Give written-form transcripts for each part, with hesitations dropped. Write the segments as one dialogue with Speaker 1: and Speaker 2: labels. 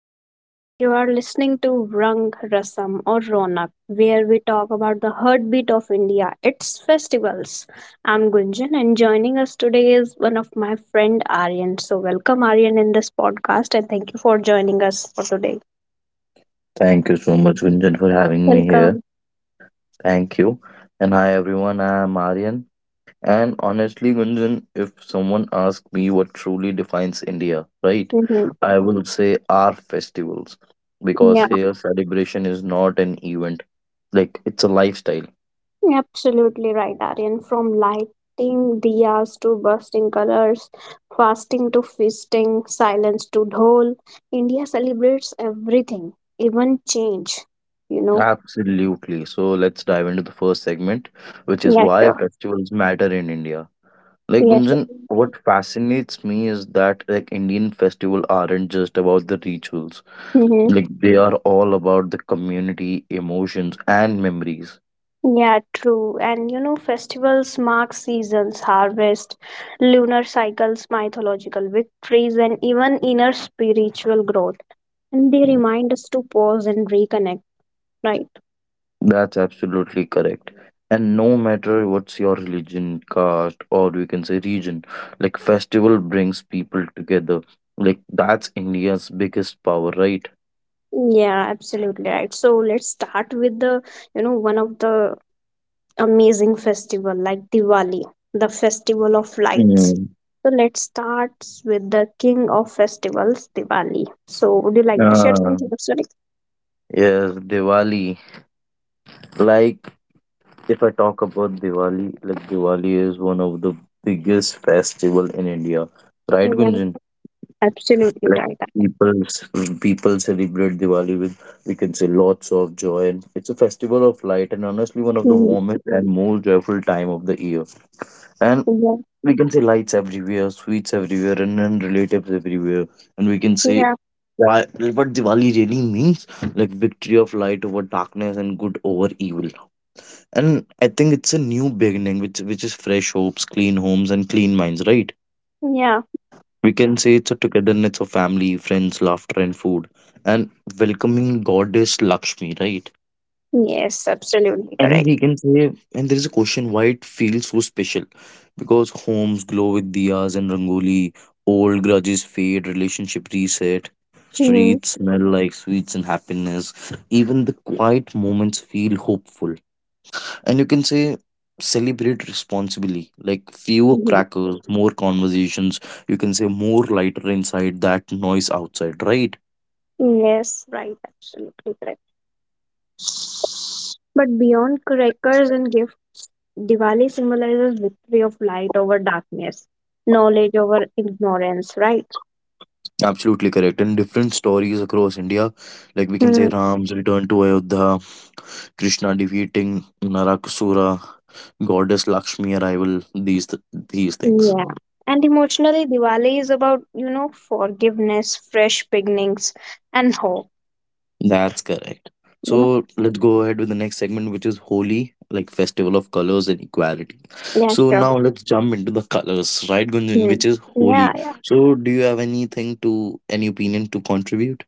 Speaker 1: everyone. You are listening to Rang Rasam or Ronak, where we talk about the heartbeat of India, its festivals. I'm Gunjan, and joining us today is one of my friend Aryan. So, welcome Aryan in this podcast, and thank you for joining us for today.
Speaker 2: Thank you so much, Gunjan, for having me here.
Speaker 1: Welcome.
Speaker 2: Thank you. And hi, everyone. I am Aryan. And honestly, Gunjan, if someone asks me what truly defines India, right,
Speaker 1: Hmm.
Speaker 2: I will say our festivals. Because
Speaker 1: Yeah.
Speaker 2: here, celebration is not an event, like it's a lifestyle.
Speaker 1: Absolutely right, Aryan. From lighting diyas to bursting colors, fasting to feasting, silence to dhol, India celebrates everything, even change. You know?
Speaker 2: Absolutely. So let's dive into the first segment, which is
Speaker 1: Yeah,
Speaker 2: why
Speaker 1: sure.
Speaker 2: festivals matter in India. Like,
Speaker 1: Yeah, sure.
Speaker 2: Gunjan, what fascinates me is that like Indian festivals aren't just about the rituals.
Speaker 1: Mm-hmm.
Speaker 2: Like they are all about the community, emotions, and memories.
Speaker 1: Yeah, true. And you know, festivals mark seasons, harvest, lunar cycles, mythological victories, and even inner spiritual growth. And they
Speaker 2: Mm.
Speaker 1: remind us to pause and reconnect, right?
Speaker 2: That's absolutely correct. And no matter what's your religion, caste, or we can say region, like festival brings people together. Like that's India's biggest power, right?
Speaker 1: Yeah, absolutely right. So let's start with the, you know, one of the amazing festival like Diwali, the festival of lights.
Speaker 2: Mm.
Speaker 1: So let's start with the king of festivals, Diwali. So would you like to share
Speaker 2: Uh,
Speaker 1: something? Sorry.
Speaker 2: yes, Diwali. Like if I talk about Diwali, like Diwali is one of the biggest festival in India, right,
Speaker 1: Yeah,
Speaker 2: Gunjan?
Speaker 1: absolutely
Speaker 2: Like
Speaker 1: right.
Speaker 2: people's people celebrate Diwali with, we can say, lots of joy, and it's a festival of light and honestly one of the
Speaker 1: Mm.
Speaker 2: warmest and most joyful time of the year. And
Speaker 1: Yeah,
Speaker 2: we can say lights everywhere, sweets everywhere, and then relatives everywhere. And we can say
Speaker 1: yeah,
Speaker 2: why what Diwali really means, like victory of light over darkness and good over evil. And I think it's a new beginning, which is fresh hopes, clean homes, and clean minds, right?
Speaker 1: yeah.
Speaker 2: We can say it's a togetherness of family, friends, laughter, and food, and welcoming goddess Lakshmi, right?
Speaker 1: Yes, absolutely
Speaker 2: And
Speaker 1: correct.
Speaker 2: we can say, and there is a question why it feels so special, because homes glow with diyas and rangoli, old grudges fade, relationship reset,
Speaker 1: Mm-hmm.
Speaker 2: streets smell like sweets and happiness, even the quiet moments feel hopeful. And you can say celebrate responsibly, like fewer
Speaker 1: Mm-hmm.
Speaker 2: crackers, more conversations. You can say more lighter inside that noise outside, right?
Speaker 1: Yes, right, absolutely correct. But beyond crackers and gifts, Diwali symbolizes victory of light over darkness, knowledge over ignorance, right?
Speaker 2: Absolutely correct. And different stories across India, like we can say
Speaker 1: Hmm.
Speaker 2: Ram's return to Ayodhya, Krishna defeating Narakasura, goddess Lakshmi arrival, these things.
Speaker 1: Yeah. And emotionally, Diwali is about, forgiveness, fresh beginnings, and hope.
Speaker 2: That's correct.
Speaker 1: You know?
Speaker 2: So let's go ahead with the next segment, which is Holi, like festival of colors and equality.
Speaker 1: Yeah,
Speaker 2: So
Speaker 1: sure.
Speaker 2: now let's jump into the colors, right, Gunjan, which
Speaker 1: Hmm.
Speaker 2: is
Speaker 1: Yeah,
Speaker 2: Holi.
Speaker 1: yeah.
Speaker 2: So do you have anything, to any opinion to contribute?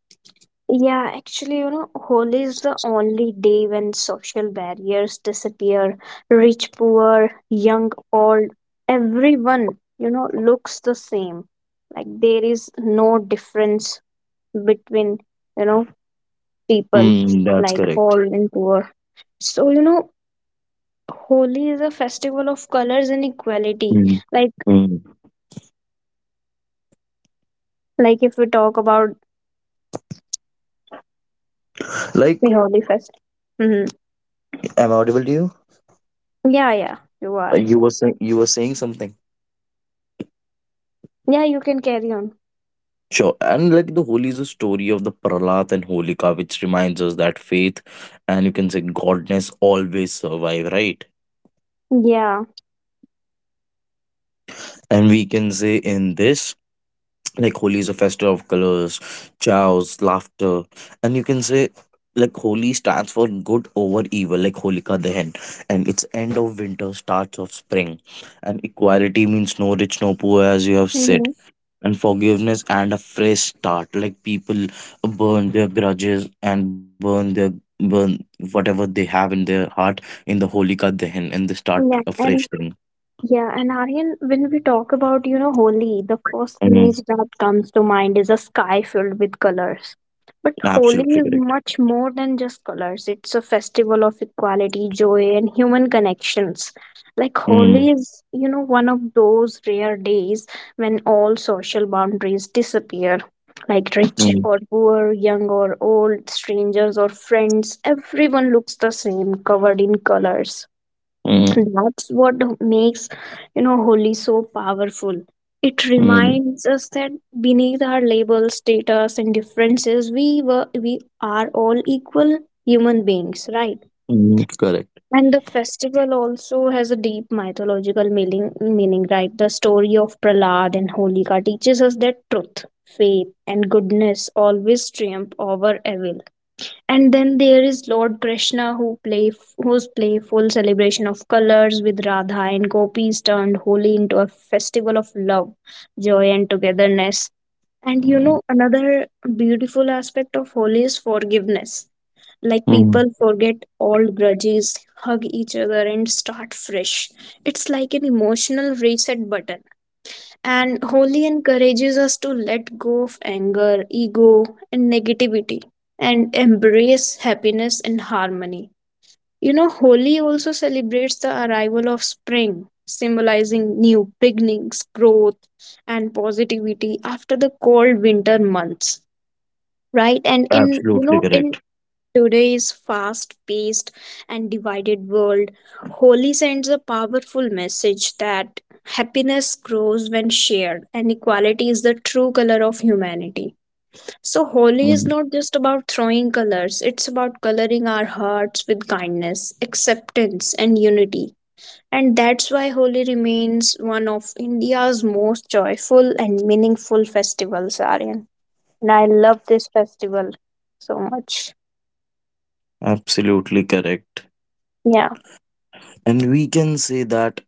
Speaker 1: Yeah, actually, you know, Holi is the only day when social barriers disappear. Rich, poor, young, old, everyone, you know, looks the same. Like there is no difference between, you know, people,
Speaker 2: Hmm, that's
Speaker 1: like
Speaker 2: correct.
Speaker 1: all and poor. So, you know, Holi is a festival of colors and equality.
Speaker 2: Hmm.
Speaker 1: like
Speaker 2: Hmm.
Speaker 1: like if we talk about
Speaker 2: Like,
Speaker 1: the Holi fest. Hmm.
Speaker 2: am I audible to you?
Speaker 1: Yeah, yeah, you are.
Speaker 2: You were saying something.
Speaker 1: Yeah, you can carry on.
Speaker 2: Sure. And like the Holi is a story of the Pralat and Holika, which reminds us that faith and you can say godness always survive, right?
Speaker 1: Yeah.
Speaker 2: And we can say in this, like Holi is a festival of colors, chows, laughter. And you can say like Holi stands for good over evil, like Holika Dahan. And it's end of winter, starts of spring. And equality means no rich, no poor, as you have said.
Speaker 1: Hmm.
Speaker 2: And forgiveness and a fresh start. Like people burn their grudges and burn their burn whatever they have in their heart in the Holika Dahan, and they start
Speaker 1: Yeah,
Speaker 2: a fresh
Speaker 1: and
Speaker 2: thing.
Speaker 1: yeah, and Aryan, when we talk about, you know, Holi, the first
Speaker 2: Mm,
Speaker 1: image that comes to mind is a sky filled with colors. But Holi
Speaker 2: absolutely
Speaker 1: is
Speaker 2: correct.
Speaker 1: much more than just colors. It's a festival of equality, joy, and human connections. Like Holi
Speaker 2: Mm,
Speaker 1: is, you know, one of those rare days when all social boundaries disappear. Like rich
Speaker 2: mm.
Speaker 1: or poor, young or old, strangers or friends, everyone looks the same, covered in colors.
Speaker 2: Mm,
Speaker 1: That's what makes, you know, Holi so powerful. It
Speaker 2: mm,
Speaker 1: reminds us that beneath our labels, status, and differences, we are all equal human beings, right?
Speaker 2: mm, correct.
Speaker 1: And the festival also has a deep mythological meaning, right? The story of Prahlad and Holika teaches us that truth, faith, and goodness always triumph over evil. And then there is lord Krishna who play whose playful celebration of colors with Radha and gopis turned Holi into a festival of love, joy, and togetherness. And you
Speaker 2: Mm,
Speaker 1: know, another beautiful aspect of Holi is forgiveness. Like
Speaker 2: mm,
Speaker 1: people forget all grudges, hug each other, and start fresh. It's like an emotional reset button. And Holi encourages us to let go of anger, ego, and negativity and embrace happiness and harmony. You know, Holi also celebrates the arrival of spring, symbolizing new beginnings, growth, and positivity after the cold winter months. Right, and in you
Speaker 2: absolutely
Speaker 1: know, in
Speaker 2: correct.
Speaker 1: today's fast paced and divided world, Holi sends a powerful message that happiness grows when shared and equality is the true color of humanity. So, Holi is
Speaker 2: Mm,
Speaker 1: not just about throwing colors, it's about coloring our hearts with kindness, acceptance, and unity. And that's why Holi remains one of India's most joyful and meaningful festivals, Aryan. And I love this festival so much.
Speaker 2: absolutely correct.
Speaker 1: Yeah.
Speaker 2: And we can say that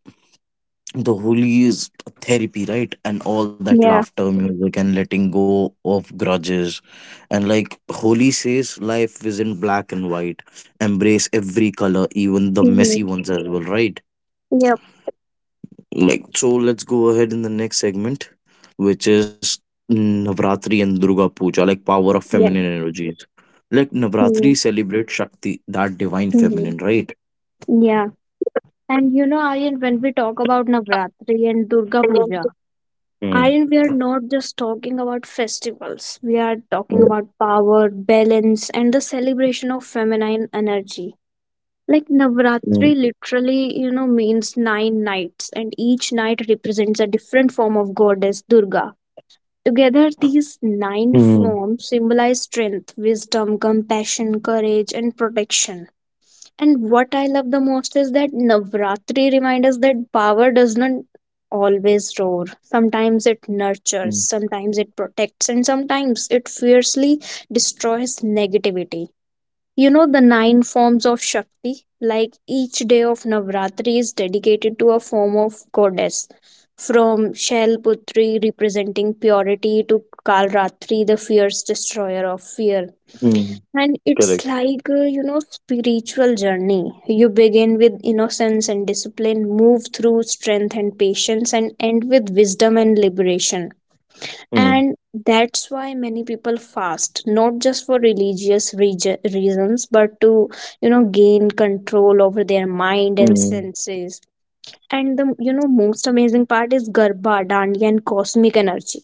Speaker 2: the holy is therapy, right? And all that
Speaker 1: Yeah.
Speaker 2: laughter, music, and letting go of grudges. And like holy says, life isn't black and white. Embrace every color, even the messy
Speaker 1: Mhm.
Speaker 2: ones as well, right?
Speaker 1: Yep.
Speaker 2: Like, so let's go ahead in the next segment, which is Navratri and Durga Puja, like power of
Speaker 1: Yeah.
Speaker 2: feminine energies. Like
Speaker 1: Mhm.
Speaker 2: Navratri celebrates Shakti, that divine
Speaker 1: Mhm.
Speaker 2: feminine, right?
Speaker 1: Yeah. And you know, Aryan, when we talk about Navratri and Durga Puja,
Speaker 2: Mm,
Speaker 1: Aryan, we are not just talking about festivals. We are talking
Speaker 2: mm,
Speaker 1: about power, balance, and the celebration of feminine energy. Like
Speaker 2: mm,
Speaker 1: Navratri literally, you know, means nine nights, and each night represents a different form of goddess Durga. Together, these nine
Speaker 2: mm,
Speaker 1: forms symbolize strength, wisdom, compassion, courage, and protection. And what I love the most is that Navratri reminds us that power does not always roar. Sometimes it nurtures,
Speaker 2: mm,
Speaker 1: sometimes it protects, and sometimes it fiercely destroys negativity. You know, the nine forms of Shakti, like each day of Navratri is dedicated to a form of goddess. From Shailputri representing purity to Kalratri, the fierce destroyer of fear.
Speaker 2: mm.
Speaker 1: And it's
Speaker 2: Correct.
Speaker 1: like, you know, spiritual journey. You begin with innocence and discipline, move through strength and patience, and end with wisdom and liberation.
Speaker 2: Mm,
Speaker 1: And that's why many people fast, not just for religious reasons, but to, you know, gain control over their mind and
Speaker 2: mm,
Speaker 1: senses. And the, you know, most amazing part is Garba, Dandiya, and cosmic energy.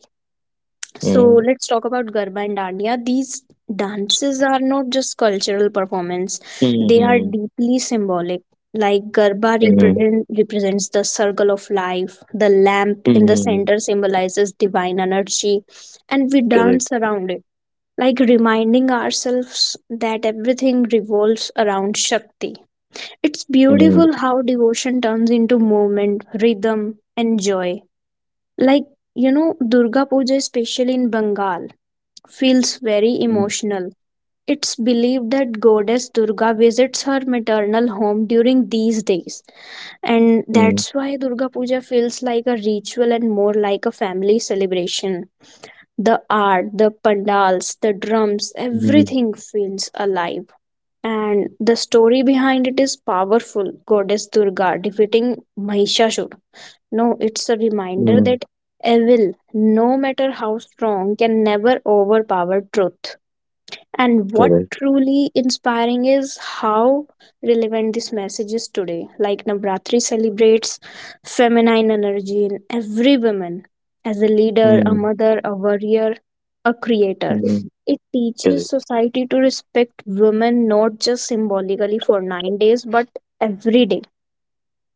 Speaker 1: So
Speaker 2: mm,
Speaker 1: let's talk about Garba and Dandiya. These dances are not just cultural performance, they are
Speaker 2: mm,
Speaker 1: deeply symbolic. Like Garba
Speaker 2: mm,
Speaker 1: represents the circle of life, the lamp in the
Speaker 2: mm.
Speaker 1: center symbolizes divine energy, and we
Speaker 2: Correct.
Speaker 1: dance around it, like reminding ourselves that everything revolves around Shakti. It's
Speaker 2: Mm,
Speaker 1: beautiful how devotion turns into movement, rhythm, and joy. Like, you know, Durga Puja, especially in Bengal, feels very
Speaker 2: mm,
Speaker 1: emotional. It's believed that goddess Durga visits her maternal home during these days, and
Speaker 2: mm,
Speaker 1: that's why Durga Puja feels like a ritual and more like a family celebration. The art, the pandals, the drums,
Speaker 2: mm,
Speaker 1: everything feels alive. And the story behind it is powerful. Goddess Durga defeating Mahishasur. No, it's a reminder
Speaker 2: mm.
Speaker 1: that evil, no matter how strong, can never overpower truth. And what
Speaker 2: Correct.
Speaker 1: truly inspiring is how relevant this message is today. Like Navratri celebrates feminine energy in every woman as a leader, a
Speaker 2: Mm,
Speaker 1: mother, a warrior, a creator.
Speaker 2: mm.
Speaker 1: It teaches
Speaker 2: Correct.
Speaker 1: society to respect women not just symbolically for 9 days but every day.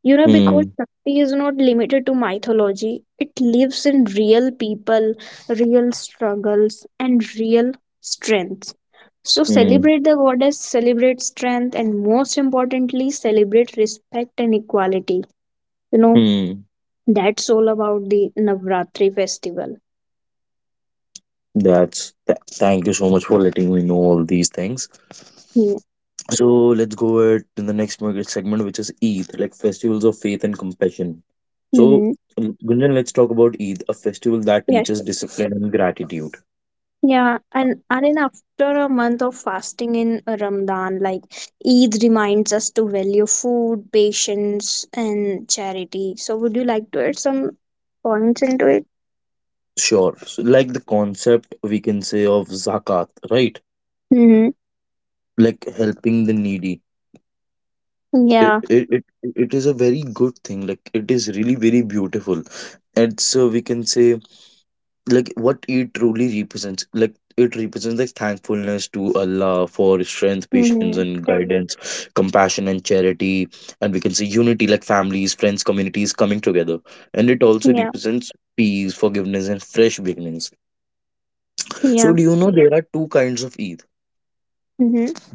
Speaker 1: You know, because
Speaker 2: Mm,
Speaker 1: Shakti is not limited to mythology, it lives in real people, real struggles, and real strength. So
Speaker 2: mm,
Speaker 1: celebrate the goddess, celebrate strength, and most importantly, celebrate respect and equality. You know,
Speaker 2: mm.
Speaker 1: that's all about the Navratri festival.
Speaker 2: Thank you so much for letting me know all these things.
Speaker 1: Yeah.
Speaker 2: So let's go ahead to the next market segment, which is Eid, like festivals of faith and compassion. So,
Speaker 1: Mm-hmm.
Speaker 2: Gunjan, let's talk about Eid, a festival that
Speaker 1: Yeah,
Speaker 2: teaches
Speaker 1: sure.
Speaker 2: discipline and gratitude.
Speaker 1: Yeah, and then after a month of fasting in Ramadan, like Eid reminds us to value food, patience, and charity. So, would you like to add some points into it?
Speaker 2: Sure. So, like the concept we can say of zakat, right?
Speaker 1: Mm-hmm.
Speaker 2: Like helping the needy.
Speaker 1: Yeah.
Speaker 2: It is a very good thing. Like it is really very beautiful. It's we can say like what it truly represents, like it represents like thankfulness to Allah for strength, patience
Speaker 1: Mm-hmm.
Speaker 2: and guidance, compassion and charity. And we can say unity, like families, friends, communities coming together. And it also
Speaker 1: Yeah.
Speaker 2: represents peace, forgiveness, and fresh beginnings.
Speaker 1: Yeah.
Speaker 2: So do you know there are two kinds of Eid?
Speaker 1: Mm-hmm.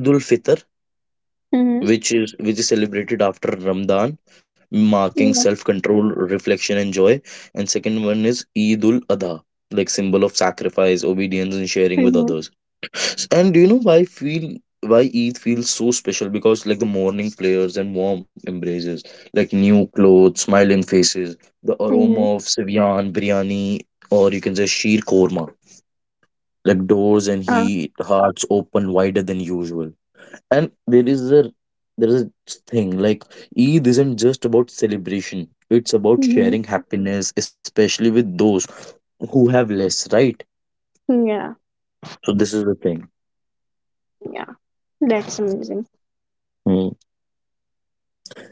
Speaker 2: Eid ul Fitr,
Speaker 1: Mm-hmm.
Speaker 2: which is celebrated after Ramadan, marking
Speaker 1: Yeah.
Speaker 2: self-control, reflection, and joy. And second one is Eidul Adha, like symbol of sacrifice, obedience, and sharing with
Speaker 1: Mm-hmm.
Speaker 2: others. And do you know why I feel, why Eid feels so special? Because like the morning prayers and warm embraces, like new clothes, smiling faces, the
Speaker 1: Mm-hmm.
Speaker 2: aroma of Sivian, biryani, or you can say sheer korma. Like doors and
Speaker 1: Uh,
Speaker 2: heat, hearts open wider than usual. And there is a thing, like Eid isn't just about celebration. It's about
Speaker 1: mhm.
Speaker 2: sharing happiness, especially with those who have less, right?
Speaker 1: Yeah,
Speaker 2: So this is the thing.
Speaker 1: yeah, that's amazing.
Speaker 2: Hmm.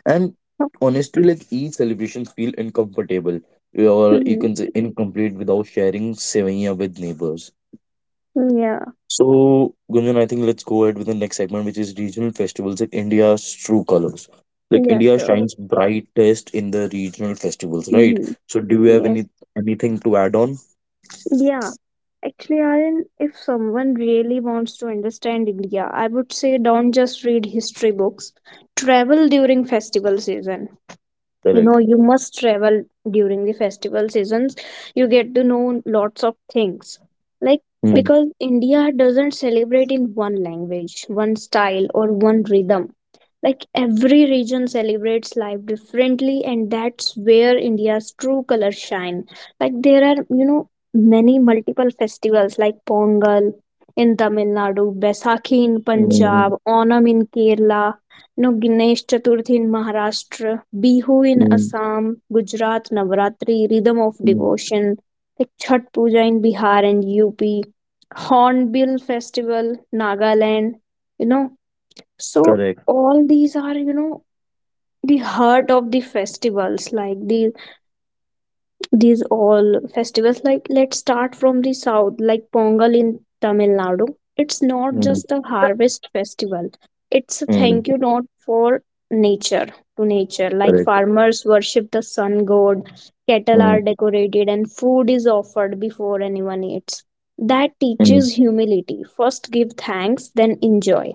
Speaker 2: And
Speaker 1: Oh.
Speaker 2: honestly, like Eid celebrations feel uncomfortable, or you
Speaker 1: Mm-hmm.
Speaker 2: can say incomplete, without sharing sevia with neighbors.
Speaker 1: Yeah,
Speaker 2: So, Gunjan, I think let's go ahead with the next segment, which is regional festivals and India's true colors. Like
Speaker 1: yeah,
Speaker 2: India
Speaker 1: sure.
Speaker 2: shines brightest in the regional festivals, right?
Speaker 1: Mm-hmm.
Speaker 2: So, do you have
Speaker 1: Yes,
Speaker 2: anything to add on?
Speaker 1: yeah. Actually, Aryan, if someone really wants to understand India, I would say don't just read history books. Travel during festival season. You know,
Speaker 2: Correct.
Speaker 1: you must travel during the festival seasons. You get to know lots of things, like,
Speaker 2: Mm,
Speaker 1: because India doesn't celebrate in one language, one style, or one rhythm. Like every region celebrates life differently and that's where India's true colors shine. Like there are, you know, many multiple festivals like Pongal in Tamil Nadu, Besakhi in
Speaker 2: mm,
Speaker 1: Punjab, Onam in Kerala, no, Ganesh Chaturthi in Maharashtra, Bihu in
Speaker 2: mm,
Speaker 1: Assam, Gujarat Navratri, Rhythm of
Speaker 2: mm.
Speaker 1: Devotion, like Chhat Puja in Bihar and UP, Hornbill Festival, Nagaland, you know. So
Speaker 2: Correct.
Speaker 1: all these are, you know, the heart of the festivals, like these all festivals. Like let's start from the south, like Pongal in Tamil Nadu. It's not
Speaker 2: Mm,
Speaker 1: just a harvest festival, it's a thank
Speaker 2: mm.
Speaker 1: you not for nature to nature. Like
Speaker 2: Correct.
Speaker 1: farmers worship the sun god, cattle are
Speaker 2: Mm,
Speaker 1: decorated and food is offered before anyone eats. That
Speaker 2: mm.
Speaker 1: teaches humility: first give thanks, then enjoy.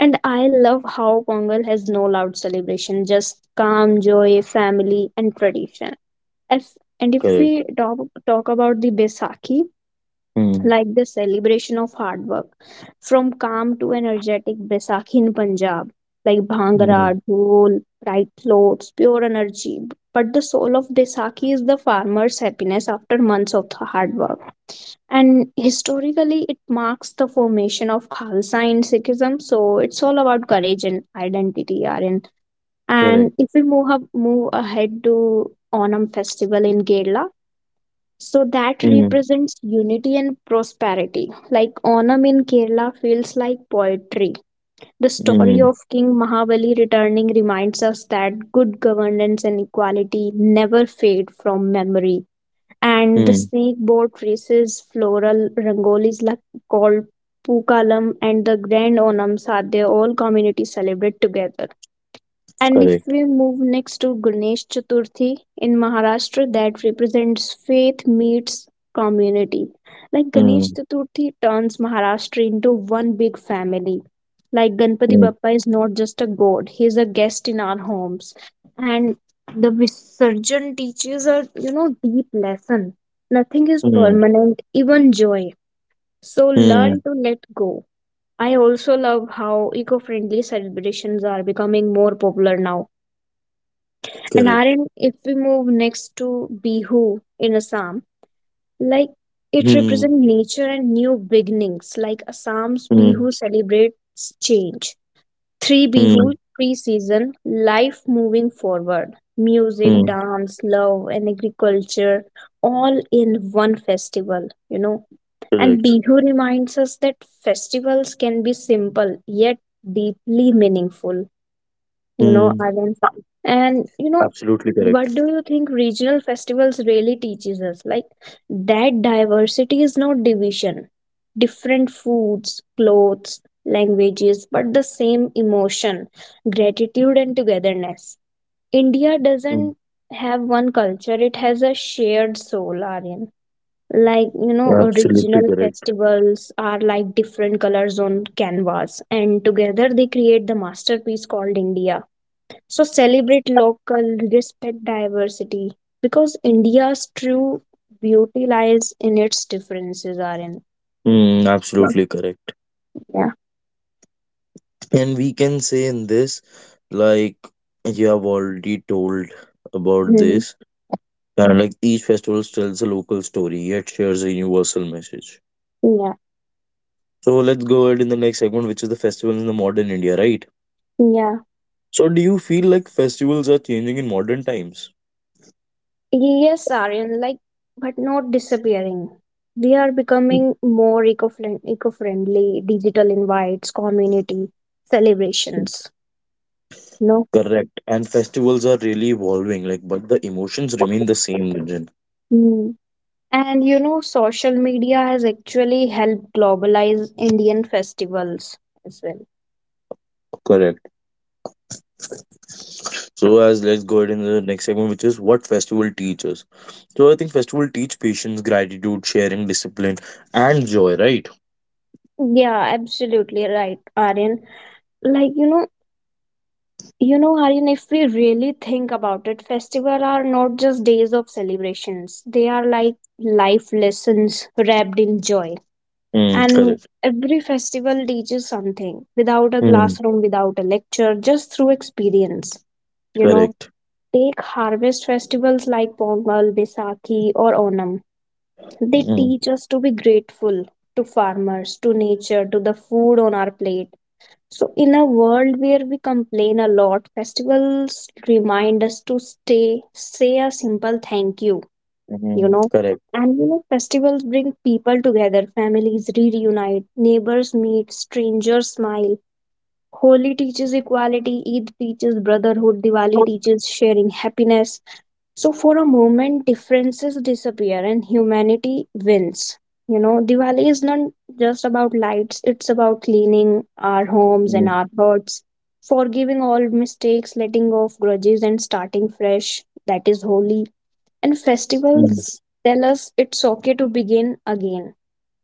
Speaker 1: And I love how Pongal has no loud celebration, just calm joy, family, and tradition. if, and if
Speaker 2: Correct.
Speaker 1: we talk, talk about the Baisakhi,
Speaker 2: Mm,
Speaker 1: like the celebration of hard work, from calm to energetic Baisakhi in Punjab, like
Speaker 2: mm.
Speaker 1: Bhangra, Dhol, bright clothes, pure energy. But the soul of Baisakhi is the farmer's happiness after months of the hard work. And historically, it marks the formation of Khalsa in Sikhism. So it's all about courage and identity, Aryan. And
Speaker 2: Correct.
Speaker 1: if we move ahead to Onam festival in Kerala, so that
Speaker 2: Mm,
Speaker 1: represents unity and prosperity. Like Onam in Kerala feels like poetry. The story
Speaker 2: mm,
Speaker 1: of King Mahabali returning reminds us that good governance and equality never fade from memory. And the
Speaker 2: mm.
Speaker 1: snakeboard races, floral rangolis like called Pukalam, and the Grand Onam Sadhya, all communities celebrate together. And if
Speaker 2: Correct.
Speaker 1: we move next to Ganesh Chaturthi in Maharashtra, that represents faith meets community. Like Ganesh
Speaker 2: Mm,
Speaker 1: Chaturthi turns Maharashtra into one big family. Like Ganpati
Speaker 2: mm,
Speaker 1: Bappa is not just a god, he is a guest in our homes. And the Visarjan teaches a, you know, deep lesson. Nothing is
Speaker 2: mm,
Speaker 1: permanent, even joy. So learn
Speaker 2: mm.
Speaker 1: to let go. I also love how eco-friendly celebrations are becoming more popular now. And
Speaker 2: Correct.
Speaker 1: Aryan, if we move next to Bihu in Assam, like it
Speaker 2: Mm,
Speaker 1: represents nature and new beginnings. Like Assam's
Speaker 2: mm,
Speaker 1: Bihu celebrates change. Three Bihu,
Speaker 2: mm,
Speaker 1: three season, life moving forward. Music,
Speaker 2: mm.
Speaker 1: dance, love, and agriculture, all in one festival, you know. And
Speaker 2: Correct.
Speaker 1: Bihu reminds us that festivals can be simple yet deeply meaningful, you know,
Speaker 2: Hmm,
Speaker 1: events. And you know,
Speaker 2: absolutely
Speaker 1: what do
Speaker 2: correct.
Speaker 1: you think regional festivals really teaches us? Like that diversity is not division, different foods, clothes, languages, but the same emotion, gratitude, and togetherness. India
Speaker 2: Hmm,
Speaker 1: doesn't have one culture, it has a shared soul, Aryan. Like, you know,
Speaker 2: absolutely
Speaker 1: regional
Speaker 2: correct.
Speaker 1: festivals are like different colors on canvas and together they create the masterpiece called India. So celebrate local, respect diversity, because India's true beauty lies in its differences, Aryan.
Speaker 2: Hmm, absolutely correct.
Speaker 1: Yeah.
Speaker 2: And we can say in this, like you have already told about
Speaker 1: Mhm.
Speaker 2: this, and like each festival tells a local story yet shares a universal message.
Speaker 1: Yeah.
Speaker 2: So let's go ahead in the next segment, which is the festivals in the modern India, right?
Speaker 1: Yeah.
Speaker 2: So do you feel like festivals are changing in modern times?
Speaker 1: Yes, Aryan, like, but not disappearing. We are becoming more eco-friendly, digital invites, community
Speaker 2: Mhm.
Speaker 1: celebrations. No.
Speaker 2: Correct. And festivals are really evolving, like, but the emotions remain the same, Gunjan.
Speaker 1: Mm. And you know, social media has actually helped globalize Indian festivals as well.
Speaker 2: Correct. So as let's go ahead in the next segment, which is what festival teaches. So I think festival teach patience, gratitude, sharing, discipline, and joy, right?
Speaker 1: Yeah, absolutely right, Aryan. Like, you know, Aryan, if we really think about it, festivals are not just days of celebrations. They are like life lessons wrapped in joy.
Speaker 2: Mm,
Speaker 1: And
Speaker 2: correct.
Speaker 1: every festival teaches something without a
Speaker 2: Mm,
Speaker 1: classroom, without a lecture, just through experience. You know,
Speaker 2: correct.
Speaker 1: take harvest festivals like Pongal, Vaisakhi, or Onam. They
Speaker 2: Mm,
Speaker 1: teach us to be grateful to farmers, to nature, to the food on our plate. So, in a world where we complain a lot, festivals remind us to say a simple thank you, you
Speaker 2: mm,
Speaker 1: know.
Speaker 2: correct.
Speaker 1: And you know, festivals bring people together, families reunite, neighbors meet, strangers smile. Holi teaches equality, Eid teaches brotherhood, Diwali teaches sharing happiness. So for a moment, differences disappear and humanity wins. You know, Diwali is not just about lights, it's about cleaning our homes and
Speaker 2: Mm,
Speaker 1: our hearts, forgiving all mistakes, letting go of grudges, and starting fresh. That is holy. And
Speaker 2: mm,
Speaker 1: festivals tell us it's okay to begin again.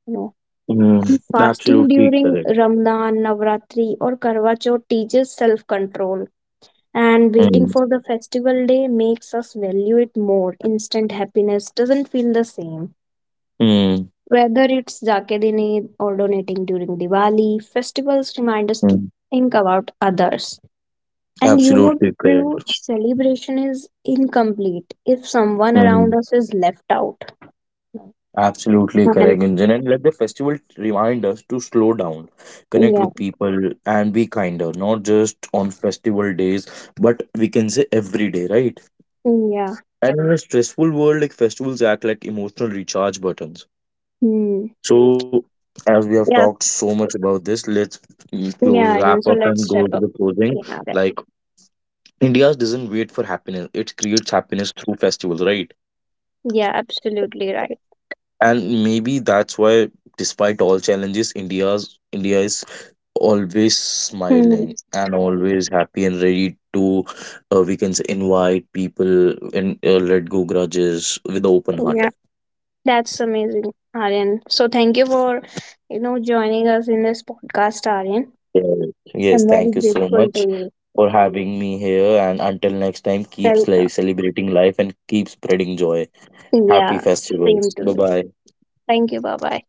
Speaker 1: You know,
Speaker 2: mm,
Speaker 1: and fasting
Speaker 2: absolutely
Speaker 1: during
Speaker 2: correct.
Speaker 1: Ramadan, Navratri, or Karwa Chauth teaches self control, and waiting
Speaker 2: Mm,
Speaker 1: for the festival day makes us value it more. Instant happiness doesn't feel the same.
Speaker 2: mm,
Speaker 1: Whether it's Zakadine or donating during Diwali, festivals remind us to
Speaker 2: mm,
Speaker 1: think about others. And you know,
Speaker 2: absolutely
Speaker 1: true
Speaker 2: correct.
Speaker 1: celebration is incomplete if someone around
Speaker 2: Mm.
Speaker 1: us is left out.
Speaker 2: Absolutely correct,
Speaker 1: And
Speaker 2: Gunjan. And let the festival remind us to slow down, connect
Speaker 1: yeah,
Speaker 2: with people, and be kinder, not just on festival days, but we can say every day, right?
Speaker 1: yeah,
Speaker 2: And in a stressful world, like festivals act like emotional recharge buttons.
Speaker 1: hmm.
Speaker 2: So, as we have
Speaker 1: Yeah,
Speaker 2: talked so much about this, let's
Speaker 1: yeah.
Speaker 2: close,
Speaker 1: And so
Speaker 2: wrap up,
Speaker 1: let's
Speaker 2: and
Speaker 1: wrap
Speaker 2: go
Speaker 1: up.
Speaker 2: to the closing.
Speaker 1: Yeah,
Speaker 2: Like, India doesn't wait for happiness, it creates happiness through festivals, right?
Speaker 1: yeah, absolutely right.
Speaker 2: And maybe that's why, despite all challenges, India is always
Speaker 1: Hmm.
Speaker 2: smiling and always happy, and ready to, we can say, invite people and, let go grudges with open heart.
Speaker 1: Yeah. That's amazing, Aryan. So thank you for, you know, joining us in this podcast, Aryan.
Speaker 2: Yes. Yes,
Speaker 1: I'm very
Speaker 2: thank you so
Speaker 1: grateful to
Speaker 2: much
Speaker 1: you.
Speaker 2: for having me here, and until next time, keep life
Speaker 1: Welcome.
Speaker 2: celebrating life and keep spreading joy. Happy
Speaker 1: Yeah,
Speaker 2: festivals.
Speaker 1: same to
Speaker 2: Bye
Speaker 1: you.
Speaker 2: bye.
Speaker 1: Thank you. Bye bye.